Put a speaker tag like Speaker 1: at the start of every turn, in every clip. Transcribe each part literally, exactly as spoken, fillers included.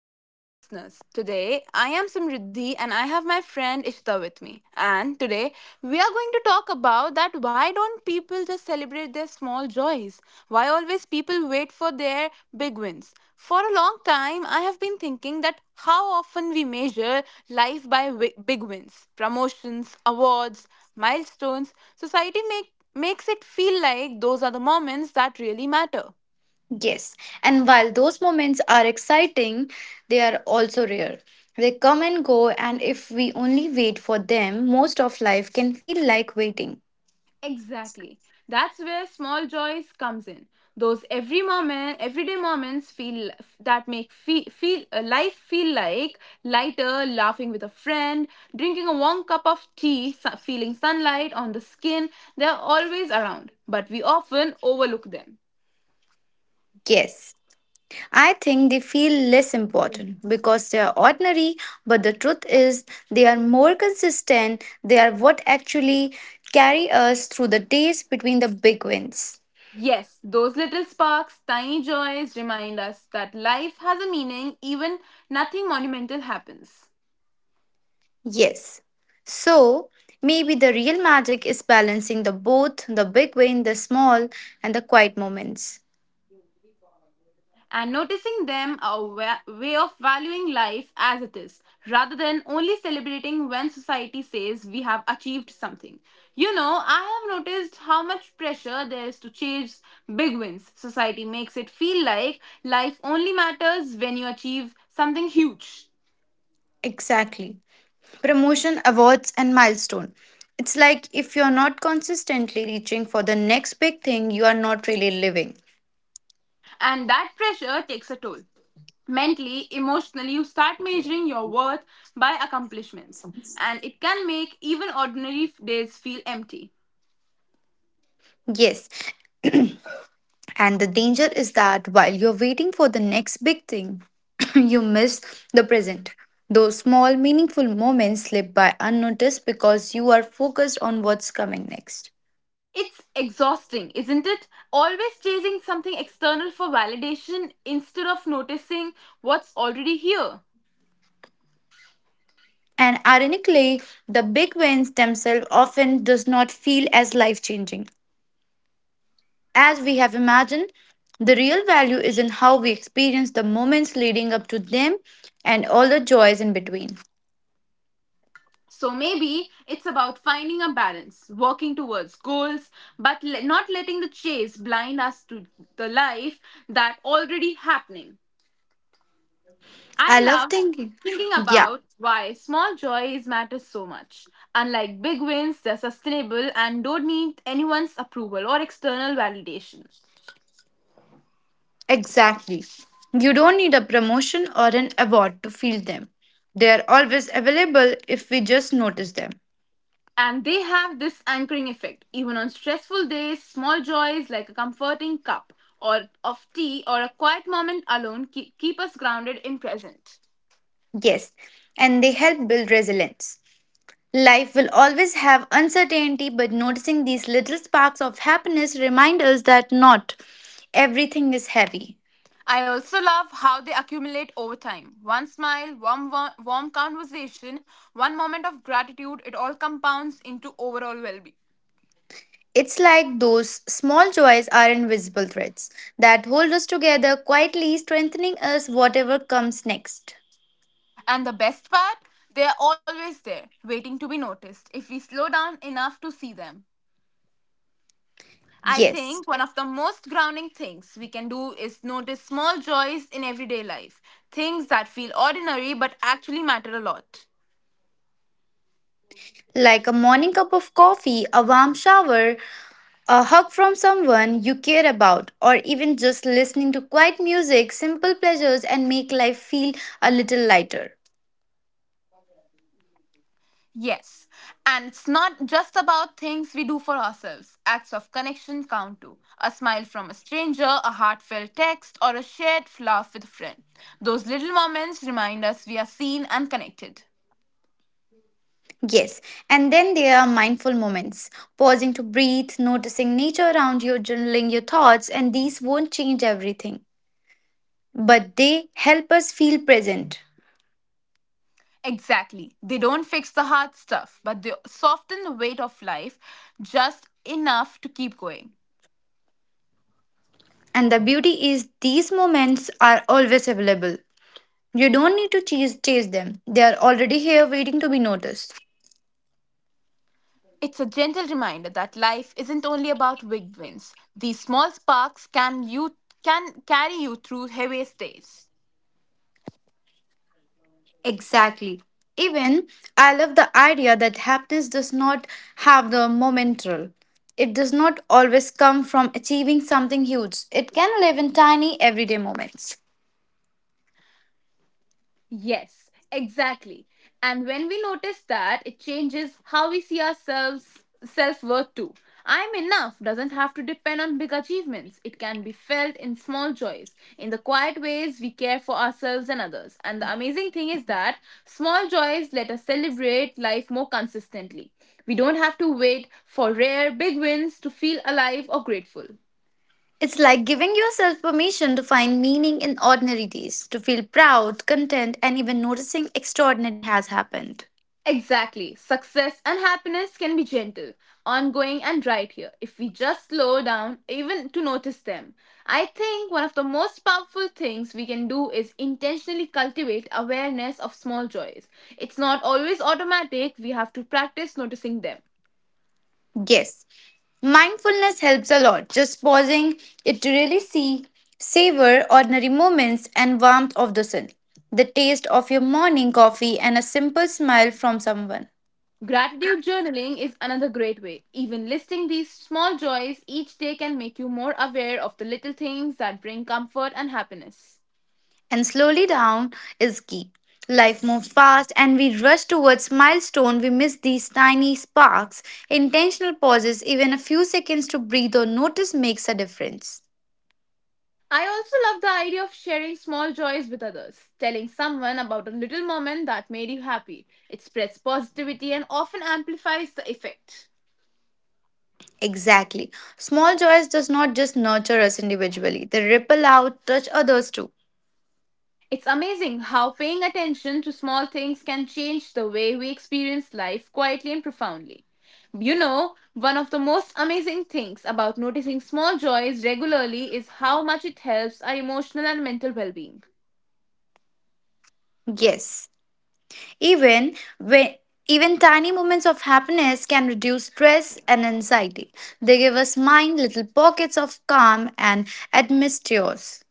Speaker 1: to our dear listeners. Today, I am Samriddhi and I have my friend Ishita with me. And today, we are going to talk about that why don't people just celebrate their small joys? Why always people wait for their big wins? For a long time, I have been thinking that how often we measure life by wi- big wins, promotions, awards, milestones, society make, makes it feel like those are the moments that really matter.
Speaker 2: Yes, and while those moments are exciting, they are also rare. They come and go, and if we only wait for them, most of life can feel like waiting.
Speaker 1: Exactly. That's where small joys comes in. Those every moment, everyday moments feel that make feel, feel uh, life feel like lighter, laughing with a friend, drinking a warm cup of tea, su- feeling sunlight on the skin. They're always around, but we often overlook them.
Speaker 2: Yes, I think they feel less important because they are ordinary, but the truth is, they are more consistent. They are what actually carry us through the days between the big wins.
Speaker 1: Yes, those little sparks, tiny joys remind us that life has a meaning even nothing monumental happens.
Speaker 2: Yes. So maybe the real magic is balancing the both the big win, the small, and the quiet moments.
Speaker 1: And noticing them a wa- way of valuing life as it is, rather than only celebrating when society says we have achieved something. You know, I have noticed how much pressure there is to chase big wins. Society makes it feel like life only matters when you achieve something huge,
Speaker 2: Exactly. Promotion, awards, and milestone. It's like if you're not consistently reaching for the next big thing, you are not really living.
Speaker 1: and that pressure takes a toll. Mentally, emotionally, you start measuring your worth by accomplishments, and it can make even ordinary f- days feel empty.
Speaker 2: Yes. And the danger is that while you're waiting for the next big thing, you miss the present. Those small, meaningful moments slip by unnoticed because you are focused on what's coming next.
Speaker 1: It's exhausting, isn't it? Always chasing something external for validation instead of noticing what's already here.
Speaker 2: And ironically, the big wins themselves often does not feel as life-changing as we have imagined. The real value is in how we experience the moments leading up to them and all the joys in between.
Speaker 1: So maybe it's about finding a balance, working towards goals, but le- not letting the chase blind us to the life that already happening.
Speaker 2: I
Speaker 1: I
Speaker 2: love
Speaker 1: love
Speaker 2: thinking.
Speaker 1: thinking
Speaker 2: Yeah,
Speaker 1: about why small joys matter so much. Unlike big wins, they're sustainable and don't need anyone's approval or external validation.
Speaker 2: exactly. You don't need a promotion or an award to feel them. They are always available if we just notice them.
Speaker 1: And they have this anchoring effect. Even on stressful days, small joys like a comforting cup or of tea or a quiet moment alone keep, keep us grounded in present.
Speaker 2: Yes, and they help build resilience. Life will always have uncertainty, but noticing these little sparks of happiness remind us that not everything is heavy.
Speaker 1: I also love how they accumulate over time. One smile, warm, warm, warm conversation, one moment of gratitude, it all compounds into overall well being.
Speaker 2: It's like those small joys are invisible threads that hold us together, quietly strengthening us whatever comes next.
Speaker 1: And the best part, they are always there, waiting to be noticed if we slow down enough to see them. I think
Speaker 2: Yes,
Speaker 1: one of the most grounding things we can do is notice small joys in everyday life, things that feel ordinary but actually matter a lot.
Speaker 2: like a morning cup of coffee, a warm shower, a hug from someone you care about, or even just listening to quiet music, simple pleasures, and make life feel a little lighter.
Speaker 1: Yes, and it's not just about things we do for ourselves. Acts of connection count too. A smile from a stranger, a heartfelt text, or a shared laugh with a friend. Those little moments remind us we are seen and connected.
Speaker 2: Yes, and then there are mindful moments, pausing to breathe, noticing nature around you, journaling your thoughts, and these won't change everything, but they help us feel present.
Speaker 1: Exactly. They don't fix the hard stuff, but they soften the weight of life just enough to keep going.
Speaker 2: And the beauty is, these moments are always available. You don't need to chase, chase them, they are already here waiting to be noticed.
Speaker 1: It's a gentle reminder that life isn't only about big wins. These small sparks can you can carry you through heaviest days.
Speaker 2: Exactly. Even I love the idea that happiness does not have the momental. It does not always come from achieving something huge. It can live in tiny everyday moments.
Speaker 1: Yes, exactly. And when we notice that, it changes how we see ourselves self worth too. I'm enough doesn't have to depend on big achievements. It can be felt in small joys, in the quiet ways we care for ourselves and others. And the amazing thing is that small joys let us celebrate life more consistently. We don't have to wait for rare big wins to feel alive or grateful.
Speaker 2: It's like giving yourself permission to find meaning in ordinary days, to feel proud, content, and even noticing extraordinary has happened.
Speaker 1: Exactly. Success and happiness can be gentle, ongoing, and right here if we just slow down even to notice them. I think one of the most powerful things we can do is intentionally cultivate awareness of small joys. It's not always automatic, we have to practice noticing them.
Speaker 2: Yes, mindfulness helps a lot. Just pausing it to really see, savor ordinary moments and warmth of the sun, the taste of your morning coffee, and a simple smile from someone.
Speaker 1: Gratitude journaling is another great way. Even listing these small joys each day can make you more aware of the little things that bring comfort and happiness.
Speaker 2: And slowly down is key. Life moves fast and we rush towards milestone. We miss these tiny sparks. Intentional pauses, even a few seconds to breathe or notice makes a difference.
Speaker 1: I also love the idea of sharing small joys with others. Telling someone about a little moment that made you happy. It spreads positivity and often amplifies the effect.
Speaker 2: Exactly. Small joys does not just nurture us individually. They ripple out, touch others too.
Speaker 1: It's amazing how paying attention to small things can change the way we experience life quietly and profoundly. You know, one of the most amazing things about noticing small joys regularly is how much it helps our emotional and mental well being.
Speaker 2: Yes. Even when even tiny moments of happiness can reduce stress and anxiety. They give us mind little pockets of calm and atmospheres.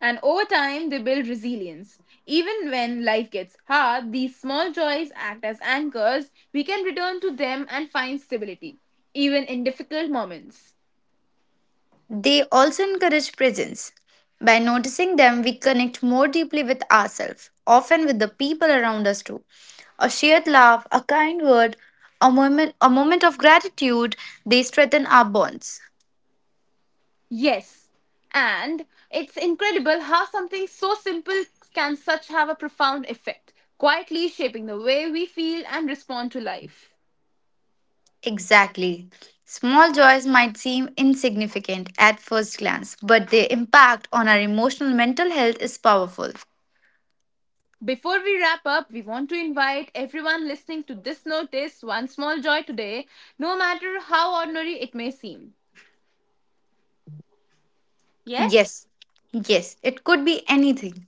Speaker 1: And over time, they build resilience. Even when life gets hard, these small joys act as anchors. We can return to them and find stability, even in difficult moments.
Speaker 2: They also encourage presence. By noticing them, we connect more deeply with ourselves, often with the people around us too. A shared laugh, a kind word, a moment, a moment of gratitude, they strengthen our bonds.
Speaker 1: Yes. And it's incredible how something so simple can such have a profound effect, quietly shaping the way we feel and respond to life.
Speaker 2: Exactly. Small joys might seem insignificant at first glance, but their impact on our emotional mental health is powerful.
Speaker 1: Before we wrap up, we want to invite everyone listening to this notice one small joy today, no matter how ordinary it may seem. Yes?
Speaker 2: Yes, yes, it could be anything,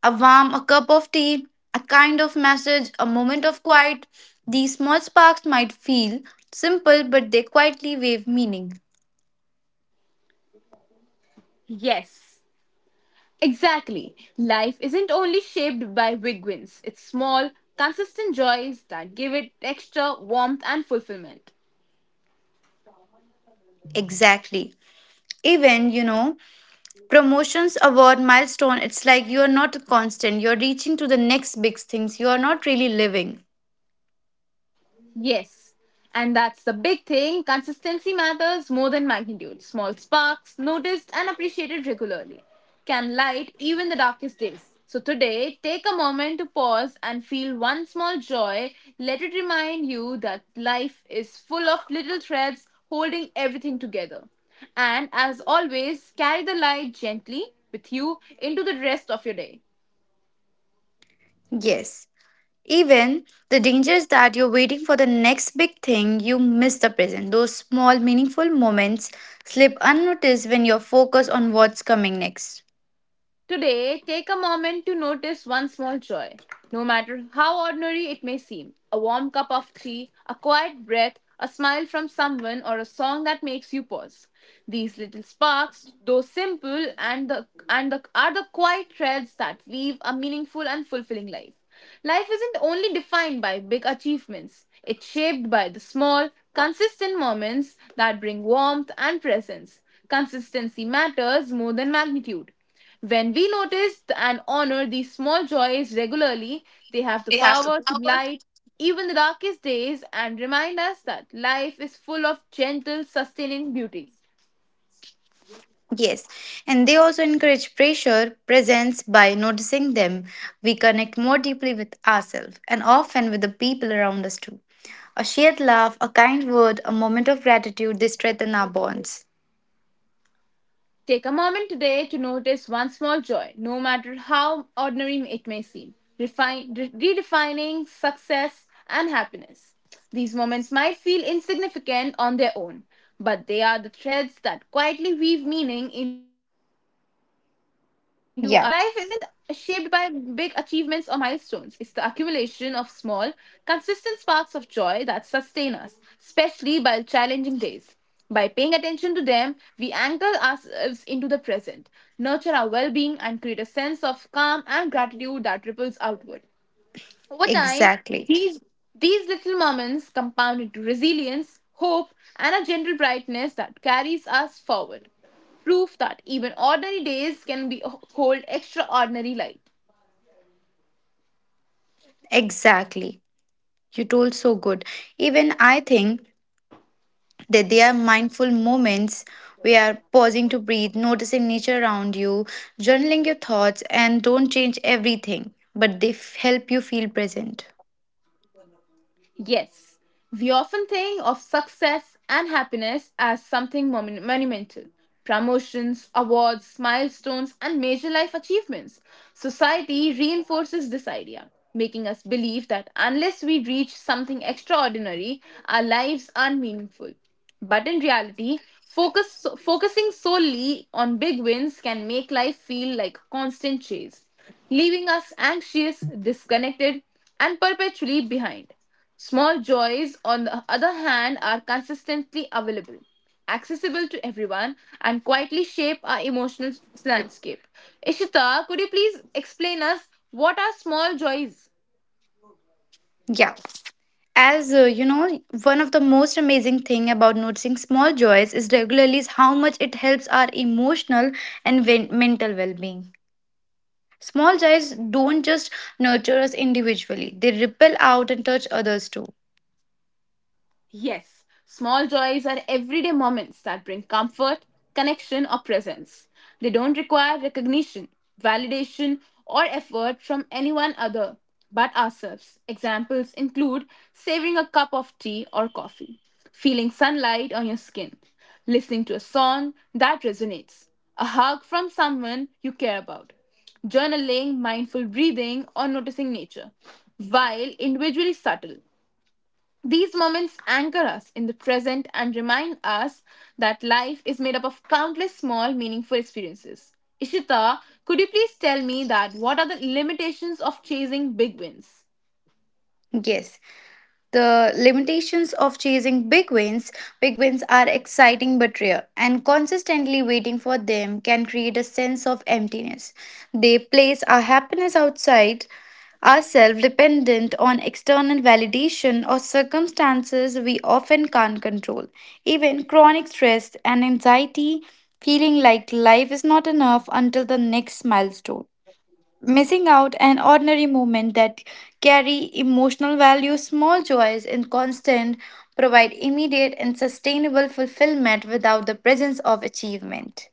Speaker 2: a warm, a cup of tea, a kind of message, a moment of quiet. These small sparks might feel simple, but they quietly wave meaning.
Speaker 1: Yes, exactly. Life isn't only shaped by big wins, it's small, consistent joys that give it extra warmth and fulfillment.
Speaker 2: Exactly. Even, you know, promotions, award, milestone, it's like you're not constant, you're reaching to the next big things, you're not really living.
Speaker 1: Yes. And that's the big thing. Consistency matters more than magnitude. Small sparks, noticed and appreciated regularly, can light even the darkest days. So today, take a moment to pause and feel one small joy. Let it remind you that life is full of little threads holding everything together. And as always, carry the light gently with you into the rest of your day.
Speaker 2: Yes. Even the danger is that you're waiting for the next big thing, you miss the present. Those small, meaningful moments slip unnoticed when you're focused on what's coming next.
Speaker 1: Today, take a moment to notice one small joy, no matter how ordinary it may seem. A warm cup of tea, a quiet breath, a smile from someone, or a song that makes you pause. These little sparks, though simple, and the and the are the quiet threads that weave a meaningful and fulfilling life. Life isn't only defined by big achievements. It's shaped by the small, consistent moments that bring warmth and presence. Consistency matters more than magnitude. When we notice and honor these small joys regularly, they have the
Speaker 2: We have the
Speaker 1: power to
Speaker 2: power.
Speaker 1: light even the darkest days and remind us that life is full of gentle, sustaining beauty.
Speaker 2: Yes, and they also encourage pressure presence by noticing them. We connect more deeply with ourselves and often with the people around us too. A shared laugh, a kind word, a moment of gratitude, they strengthen our bonds.
Speaker 1: Take a moment today to notice one small joy, no matter how ordinary it may seem, Refine, re- redefining success and happiness. These moments might feel insignificant on their own, but they are the threads that quietly weave meaning into our lives. Life isn't
Speaker 2: Yeah,
Speaker 1: shaped by big achievements or milestones, it's the accumulation of small, consistent sparks of joy that sustain us, especially by challenging days. By paying attention to them, we anchor ourselves into the present, nurture our well being, and create a sense of calm and gratitude that ripples outward. Over time,
Speaker 2: exactly.
Speaker 1: these, these little moments compound into resilience, hope, and a gentle brightness that carries us forward. Proof that even ordinary days can be hold extraordinary light.
Speaker 2: Exactly. You told so good. Even I think that they are mindful moments we are pausing to breathe, noticing nature around you, journaling your thoughts, and don't change everything, but they f- help you feel present.
Speaker 1: Yes, we often think of success and happiness as something mon- monumental promotions, awards, milestones, and major life achievements. Society reinforces this idea, making us believe that unless we reach something extraordinary, our lives aren't meaningful. But in reality, focus, focusing solely on big wins can make life feel like a constant chase, leaving us anxious, disconnected, and perpetually behind. Small joys, on the other hand, are consistently available, accessible to everyone, and quietly shape our emotional landscape. Ishita, could you please explain us what are small joys?
Speaker 2: Yeah. As uh, you know, one of the most amazing thing about noticing small joys is regularly is how much it helps our emotional and ven- mental well-being. Small joys don't just nurture us individually; they ripple out and touch others too.
Speaker 1: Yes, small joys are everyday moments that bring comfort, connection, or presence. They don't require recognition, validation, or effort from anyone other but ourselves. Examples include savoring a cup of tea or coffee, feeling sunlight on your skin, listening to a song that resonates, a hug from someone you care about, journaling, mindful breathing, or noticing nature. While individually subtle, these moments anchor us in the present and remind us that life is made up of countless small, meaningful experiences. Ishita, could you please tell me that what are the limitations of chasing big wins?
Speaker 2: Yes. The limitations of chasing big wins. Big wins are exciting but rare, and consistently waiting for them can create a sense of emptiness. They place our happiness outside ourselves, dependent on external validation or circumstances we often can't control. Even chronic stress and anxiety, feeling like life is not enough until the next milestone missing out an ordinary moment that carry emotional value small joys in constant provide immediate and sustainable fulfillment without the presence of achievement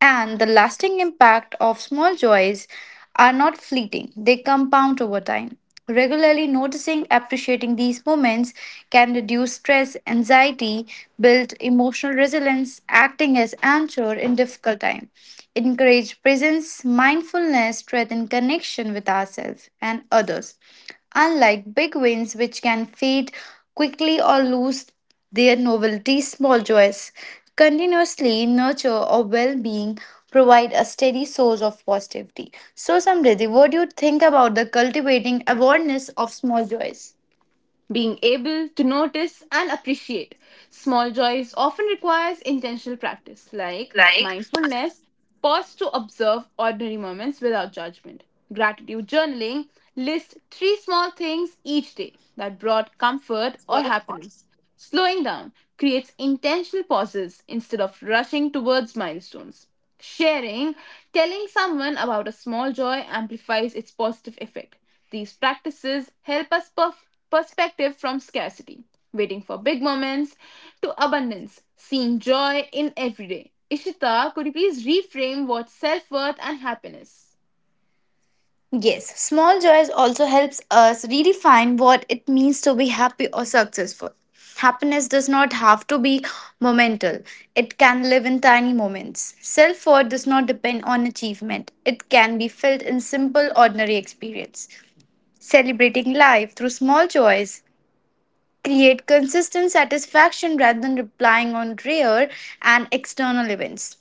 Speaker 2: and the
Speaker 1: Yes.
Speaker 2: lasting impact of small joys are not fleeting, they compound over time. Regularly noticing, appreciating these moments can reduce stress, anxiety, build emotional resilience, acting as anchor in difficult time, encourage presence, mindfulness, strengthen connection with ourselves and others. Unlike big wins, which can fade quickly or lose their novelty, small joys, continuously nurture our well-being, provide a steady source of positivity. So, Samriddhi, what do you think about the cultivating awareness of small joys?
Speaker 1: Being able to notice and appreciate. Small joys often requires intentional practice like
Speaker 2: Like
Speaker 1: mindfulness, pause to observe ordinary moments without judgment. Gratitude journaling, list three small things each day that brought comfort or
Speaker 2: what?
Speaker 1: happiness. Slowing down creates intentional pauses instead of rushing towards milestones. Sharing, telling someone about a small joy amplifies its positive effect. These practices help us perf- perspective from scarcity. Waiting for big moments to abundance, seeing joy in every day. Ishita, could you please reframe what's self worth and happiness?
Speaker 2: Yes, small joys also helps us redefine what it means to be happy or successful. Happiness does not have to be momental. It can live in tiny moments. Self-worth does not depend on achievement. It can be felt in simple, ordinary experience. Celebrating life through small joys create consistent satisfaction rather than relying on rare and external events.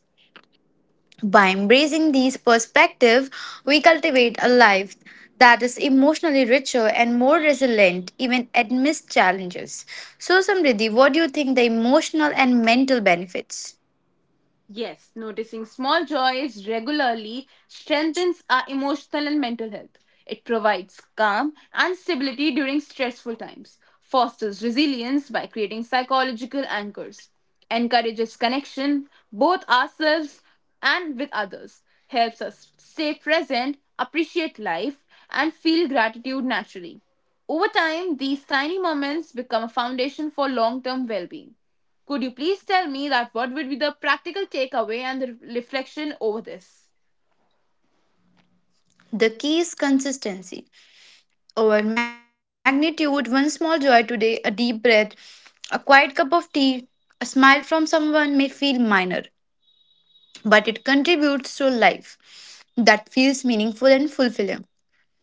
Speaker 2: By embracing these perspectives, we cultivate a life that is emotionally richer and more resilient even amidst challenges. So Samriddhi, what do you think the emotional and mental benefits?
Speaker 1: Yes, noticing small joys regularly strengthens our emotional and mental health. It provides calm and stability during stressful times, fosters resilience by creating psychological anchors, encourages connection both ourselves and with others, helps us stay present, appreciate life, and feel gratitude naturally. Over time, these tiny moments become a foundation for long term well being. Could you please tell me that what would be the practical takeaway and the reflection over this?
Speaker 2: The key is consistency. Our magnitude, one small joy today, a deep breath, a quiet cup of tea, a smile from someone may feel minor, but it contributes to life that feels meaningful and fulfilling.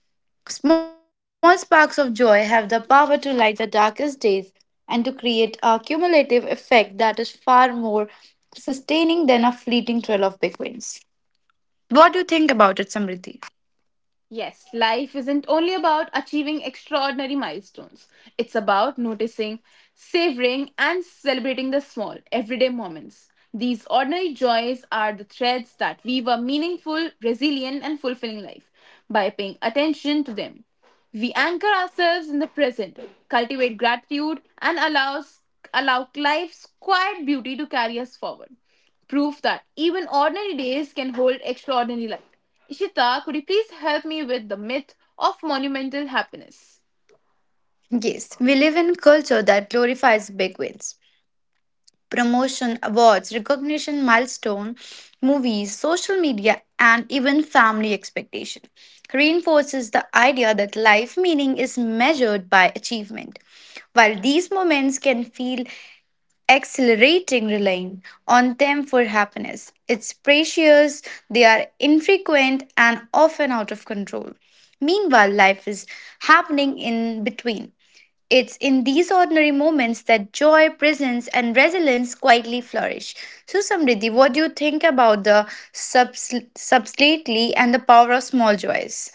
Speaker 2: Small sparks of joy have the power to light the darkest days and to create a cumulative effect that is far more sustaining than a fleeting trail of big wins. What do you think about it, Samriddhi?
Speaker 1: Yes, life isn't only about achieving extraordinary milestones. It's about noticing, savoring, and celebrating the small, everyday moments. These ordinary joys are the threads that weave a meaningful, resilient, and fulfilling life by paying attention to them. We anchor ourselves in the present, cultivate gratitude, and allows, allow life's quiet beauty to carry us forward. Proof that even ordinary days can hold extraordinary light. Ishita, could you please help me with the myth of monumental happiness?
Speaker 2: Yes, we live in a culture that glorifies big wins. Promotion, awards, recognition, milestone, movies, social media, and even family expectation reinforces the idea that life meaning is measured by achievement. While these moments can feel accelerating relying on them for happiness. It's precious, they are infrequent, and often out of control. Meanwhile, life is happening in between. It's in these ordinary moments that joy, presence, and resilience quietly flourish. So, Samriddhi, what do you think about the subs- subtly and the power of small joys?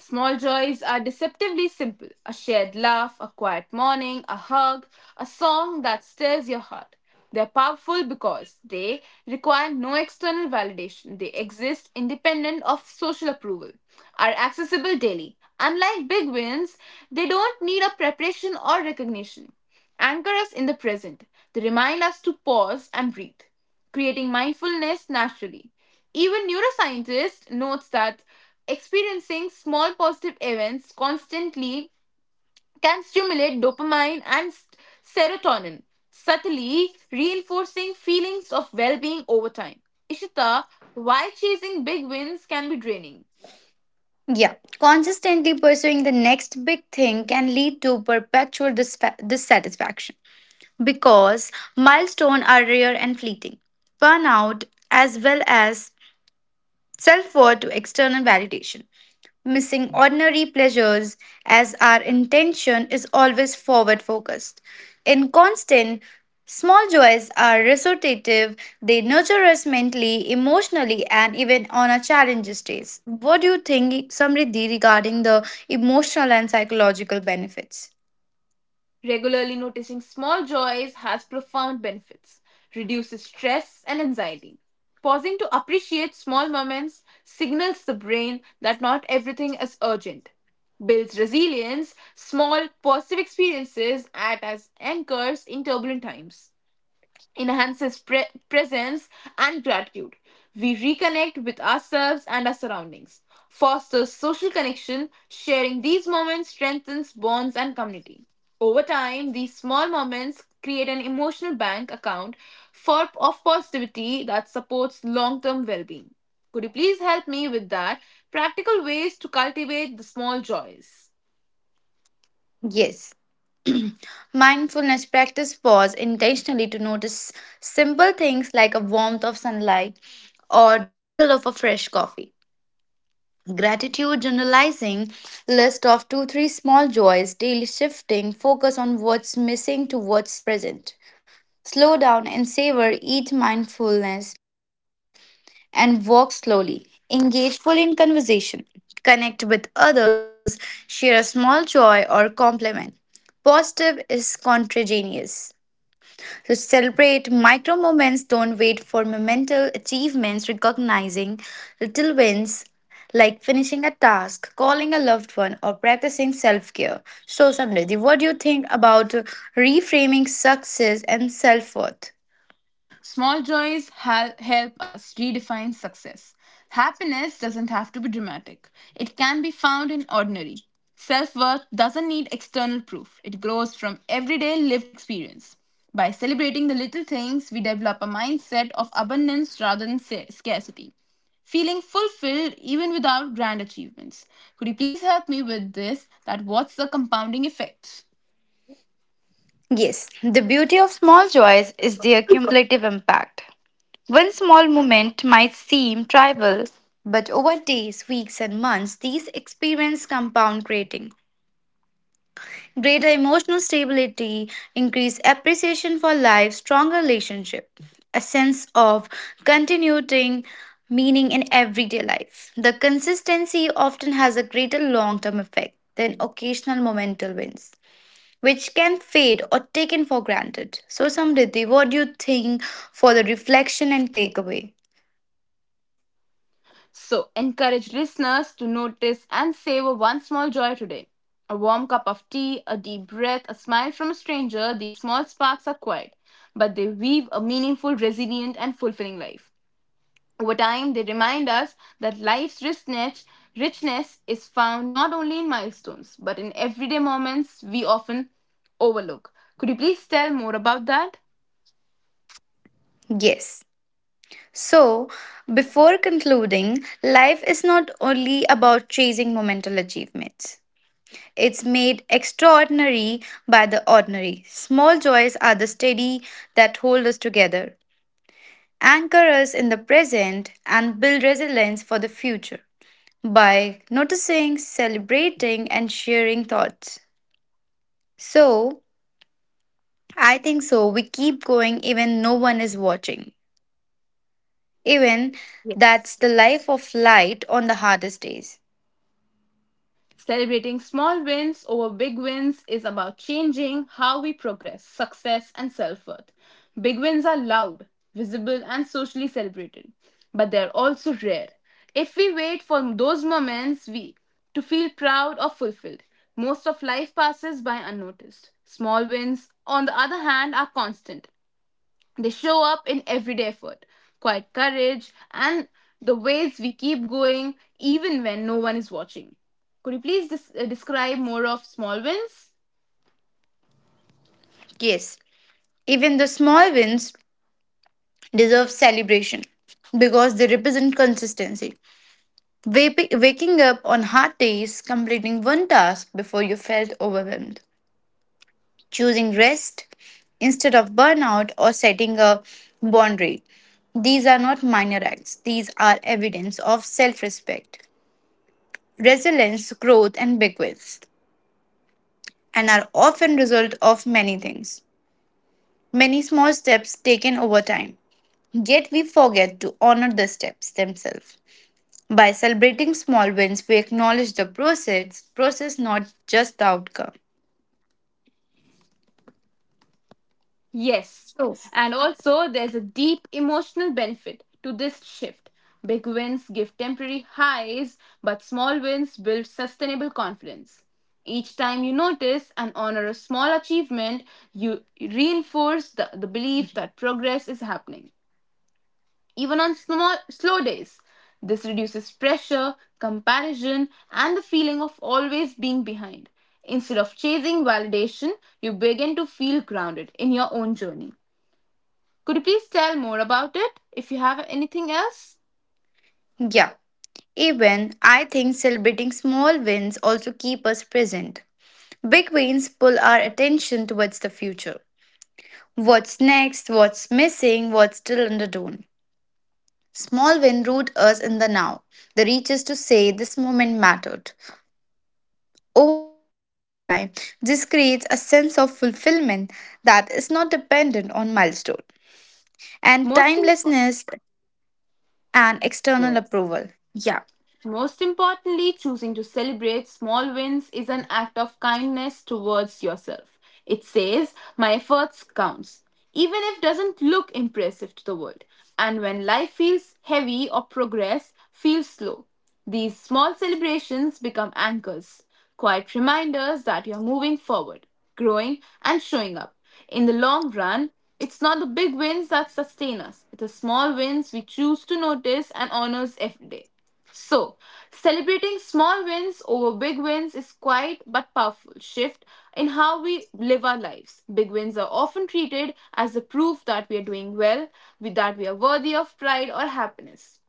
Speaker 1: Small joys are deceptively simple: a shared laugh, a quiet morning, a hug, a song that stirs your heart. They're powerful because they require no external validation. They exist independent of social approval, are accessible daily. Unlike big wins, they don't need a preparation or recognition. Anchor us in the present. They remind us to pause and breathe, creating mindfulness naturally. Even neuroscientists notes that experiencing small positive events constantly can stimulate dopamine and s- serotonin, subtly reinforcing feelings of well being over time. Ishita, why chasing big wins can be draining?
Speaker 2: Yeah, consistently pursuing the next big thing can lead to perpetual disfa- dissatisfaction, because milestones are rare and fleeting. Burnout, as well as self worth to external validation, missing ordinary pleasures, as our intention is always forward focused. In constant, small joys are restorative, they nurture us mentally, emotionally, and even on our challenges days. What do you think, Samriddhi, regarding the emotional and psychological benefits?
Speaker 1: Regularly noticing small joys has profound benefits, reduces stress and anxiety. Pausing to appreciate small moments signals the brain that not everything is urgent. Builds resilience, small positive experiences act as anchors in turbulent times enhances pre- presence and gratitude. We reconnect with ourselves and our surroundings, fosters social connection, sharing these moments strengthens bonds and community. Over time, these small moments create an emotional bank account for of positivity that supports long-term well-being. Could you please help me with that? Practical ways to cultivate the small joys.
Speaker 2: Yes. Mindfulness practice pause intentionally to notice simple things like a warmth of sunlight or the smell of a fresh coffee. Gratitude journalizing list of two, three small joys, daily shifting focus on what's missing to what's present. Slow down and savor each mindfulness and walk slowly. Engage fully in conversation. Connect with others. Share a small joy or compliment. Positive is contagious. So celebrate micro moments. Don't wait for monumental achievements. Recognizing little wins like finishing a task, calling a loved one, or practicing self care. So, Samriddhi, what do you think about reframing success and self worth?
Speaker 1: Small joys hel- help us redefine success. Happiness doesn't have to be dramatic, it can be found in ordinary. Self worth doesn't need external proof, it grows from everyday lived experience. By celebrating the little things, we develop a mindset of abundance rather than sa- scarcity. Feeling fulfilled even without grand achievements. Could you please help me with this? That what's the compounding effect?
Speaker 2: Yes, the beauty of small joys is their cumulative impact. One small moment might seem trivial, but over days, weeks, and months, these experiences compound, creating greater emotional stability, increased appreciation for life, stronger relationship, a sense of continuing meaning in everyday life. The consistency often has a greater long term effect than occasional momental wins which can fade or taken for granted. So, Samriddhi, what do you think for the reflection and takeaway?
Speaker 1: So, encourage listeners to notice and savor one small joy today. A warm cup of tea, a deep breath, a smile from a stranger, these small sparks are quiet, but they weave a meaningful, resilient, and fulfilling life. Over time, they remind us that life's richness, richness is found not only in milestones, but in everyday moments we often overlook. Could you please tell more about that?
Speaker 2: Yes. So, before concluding, life is not only about chasing momental achievements. It's made extraordinary by the ordinary. Small joys are the steady that hold us together, anchor us in the present, and build resilience for the future by noticing, celebrating, and sharing thoughts. So, I think so. We keep going even no one is watching. Even that's
Speaker 1: Yes.
Speaker 2: the life of light on the hardest days.
Speaker 1: Celebrating small wins over big wins is about changing how we progress, success, and self worth. Big wins are loud, visible, and socially celebrated, but they're also rare. If we wait for those moments we to feel proud or fulfilled, most of life passes by unnoticed. Small wins, on the other hand, are constant. They show up in everyday effort, quiet courage, and the ways we keep going even when no one is watching. Could you please des- uh, describe more of small wins?
Speaker 2: Yes, even the small wins deserve celebration because they represent consistency. Wap- waking up on hard days, completing one task before you felt overwhelmed, choosing rest instead of burnout, or setting a boundary. These are not minor acts, these are evidence of self respect, resilience, growth, and big wins, and are often result of many things, many small steps taken over time. Yet we forget to honor the steps themselves. By celebrating small wins, we acknowledge the process, process not just the outcome.
Speaker 1: Yes.
Speaker 2: So,
Speaker 1: And also, there's a deep emotional benefit to this shift. Big wins give temporary highs, but small wins build sustainable confidence. Each time you notice and honor a small achievement, you reinforce the, the belief that progress is happening, even on small, slow days. This reduces pressure, comparison, and the feeling of always being behind. Instead of chasing validation, you begin to feel grounded in your own journey. Could you please tell more about it if you have anything else?
Speaker 2: yeah. Even I think celebrating small wins also keep us present. Big wins pull our attention towards the future. What's next, what's missing, what's still underdone. Small win root us in the now, the reaches to say this moment mattered. Over time, this creates a sense of fulfillment that is not dependent on milestone and
Speaker 1: Most
Speaker 2: timelessness
Speaker 1: important.
Speaker 2: and external approval.
Speaker 1: Yes.
Speaker 2: Yeah.
Speaker 1: Most importantly, choosing to celebrate small wins is an act of kindness towards yourself. It says, my efforts counts, even if doesn't look impressive to the world. And when life feels heavy or progress feels slow, these small celebrations become anchors, quiet reminders that you're moving forward, growing and showing up. In the long run, it's not the big wins that sustain us. It's the small wins we choose to notice and honors every day. So, celebrating small wins over big wins is quite but powerful shift in how we live our lives. Big wins are often treated as the proof that we are doing well, with- that we are worthy of pride or happiness.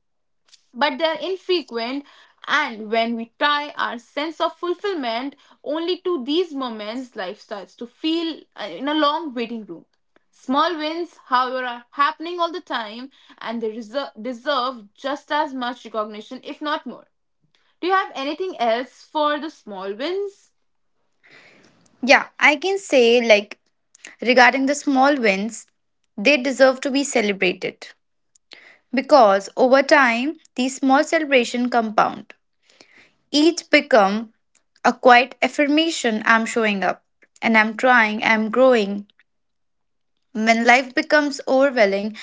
Speaker 1: But they are infrequent, and when we tie our sense of fulfillment only to these moments, life starts to feel uh, in a long waiting room. Small wins, however, are happening all the time and they reser- deserve just as much recognition, if not more. Do you have anything else for the small wins?
Speaker 2: Yeah, I can say like regarding the small wins, they deserve to be celebrated because over time these small celebrations compound. Each become a quiet affirmation I'm showing up and I'm trying, I'm growing. When life becomes overwhelming,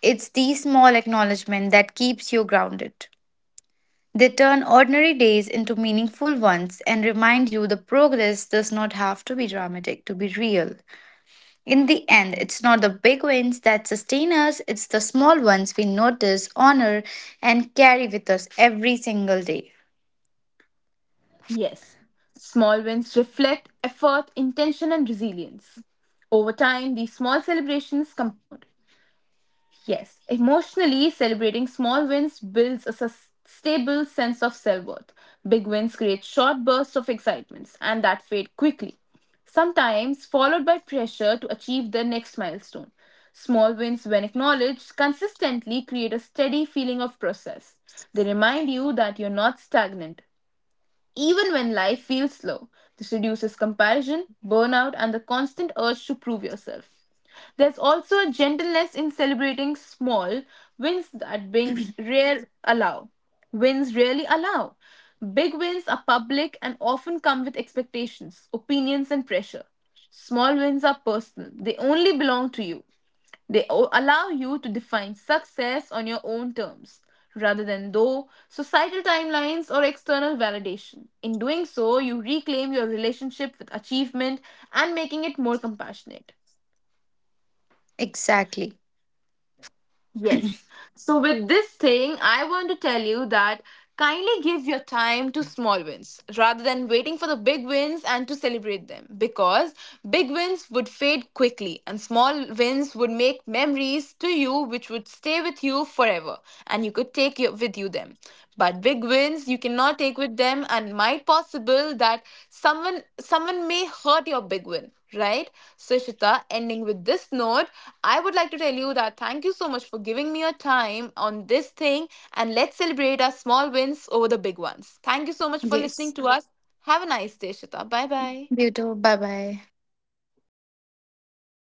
Speaker 2: it's these small acknowledgement that keeps you grounded. They turn ordinary days into meaningful ones and remind you the progress does not have to be dramatic to be real. In the end, it's not the big wins that sustain us, it's the small ones we notice, honor, and carry with us every single day.
Speaker 1: Yes, small wins reflect effort, intention, and resilience. Over time, these small celebrations compound. Yes, emotionally, celebrating small wins builds a sus- stable sense of self worth. Big wins create short bursts of excitements, and that fade quickly, sometimes followed by pressure to achieve the next milestone. Small wins, when acknowledged, consistently create a steady feeling of progress. They remind you that you're not stagnant, even when life feels slow. This reduces comparison, burnout, and the constant urge to prove yourself. There's also a gentleness in celebrating small wins that wins rare allow. Wins rarely allow. Big wins are public and often come with expectations, opinions, and pressure. Small wins are personal, they only belong to you. They o- allow you to define success on your own terms, rather than though societal timelines or external validation. In doing so, you reclaim your relationship with achievement and making it more compassionate.
Speaker 2: Exactly.
Speaker 1: Yes. So, with this thing, I want to tell you that kindly give your time to small wins rather than waiting for the big wins and to celebrate them, because big wins would fade quickly and small wins would make memories to you which would stay with you forever and you could take your, with you them, but big wins you cannot take with them and might possible that someone someone may hurt your big win, right? So, ending with this note, I would like to tell you that thank you so much for giving me your time on this thing and let's celebrate our small wins over the big ones. Thank you so much for
Speaker 2: Yes.
Speaker 1: listening to us. Have a nice day, Ishita. Bye bye.
Speaker 2: You too. Bye bye.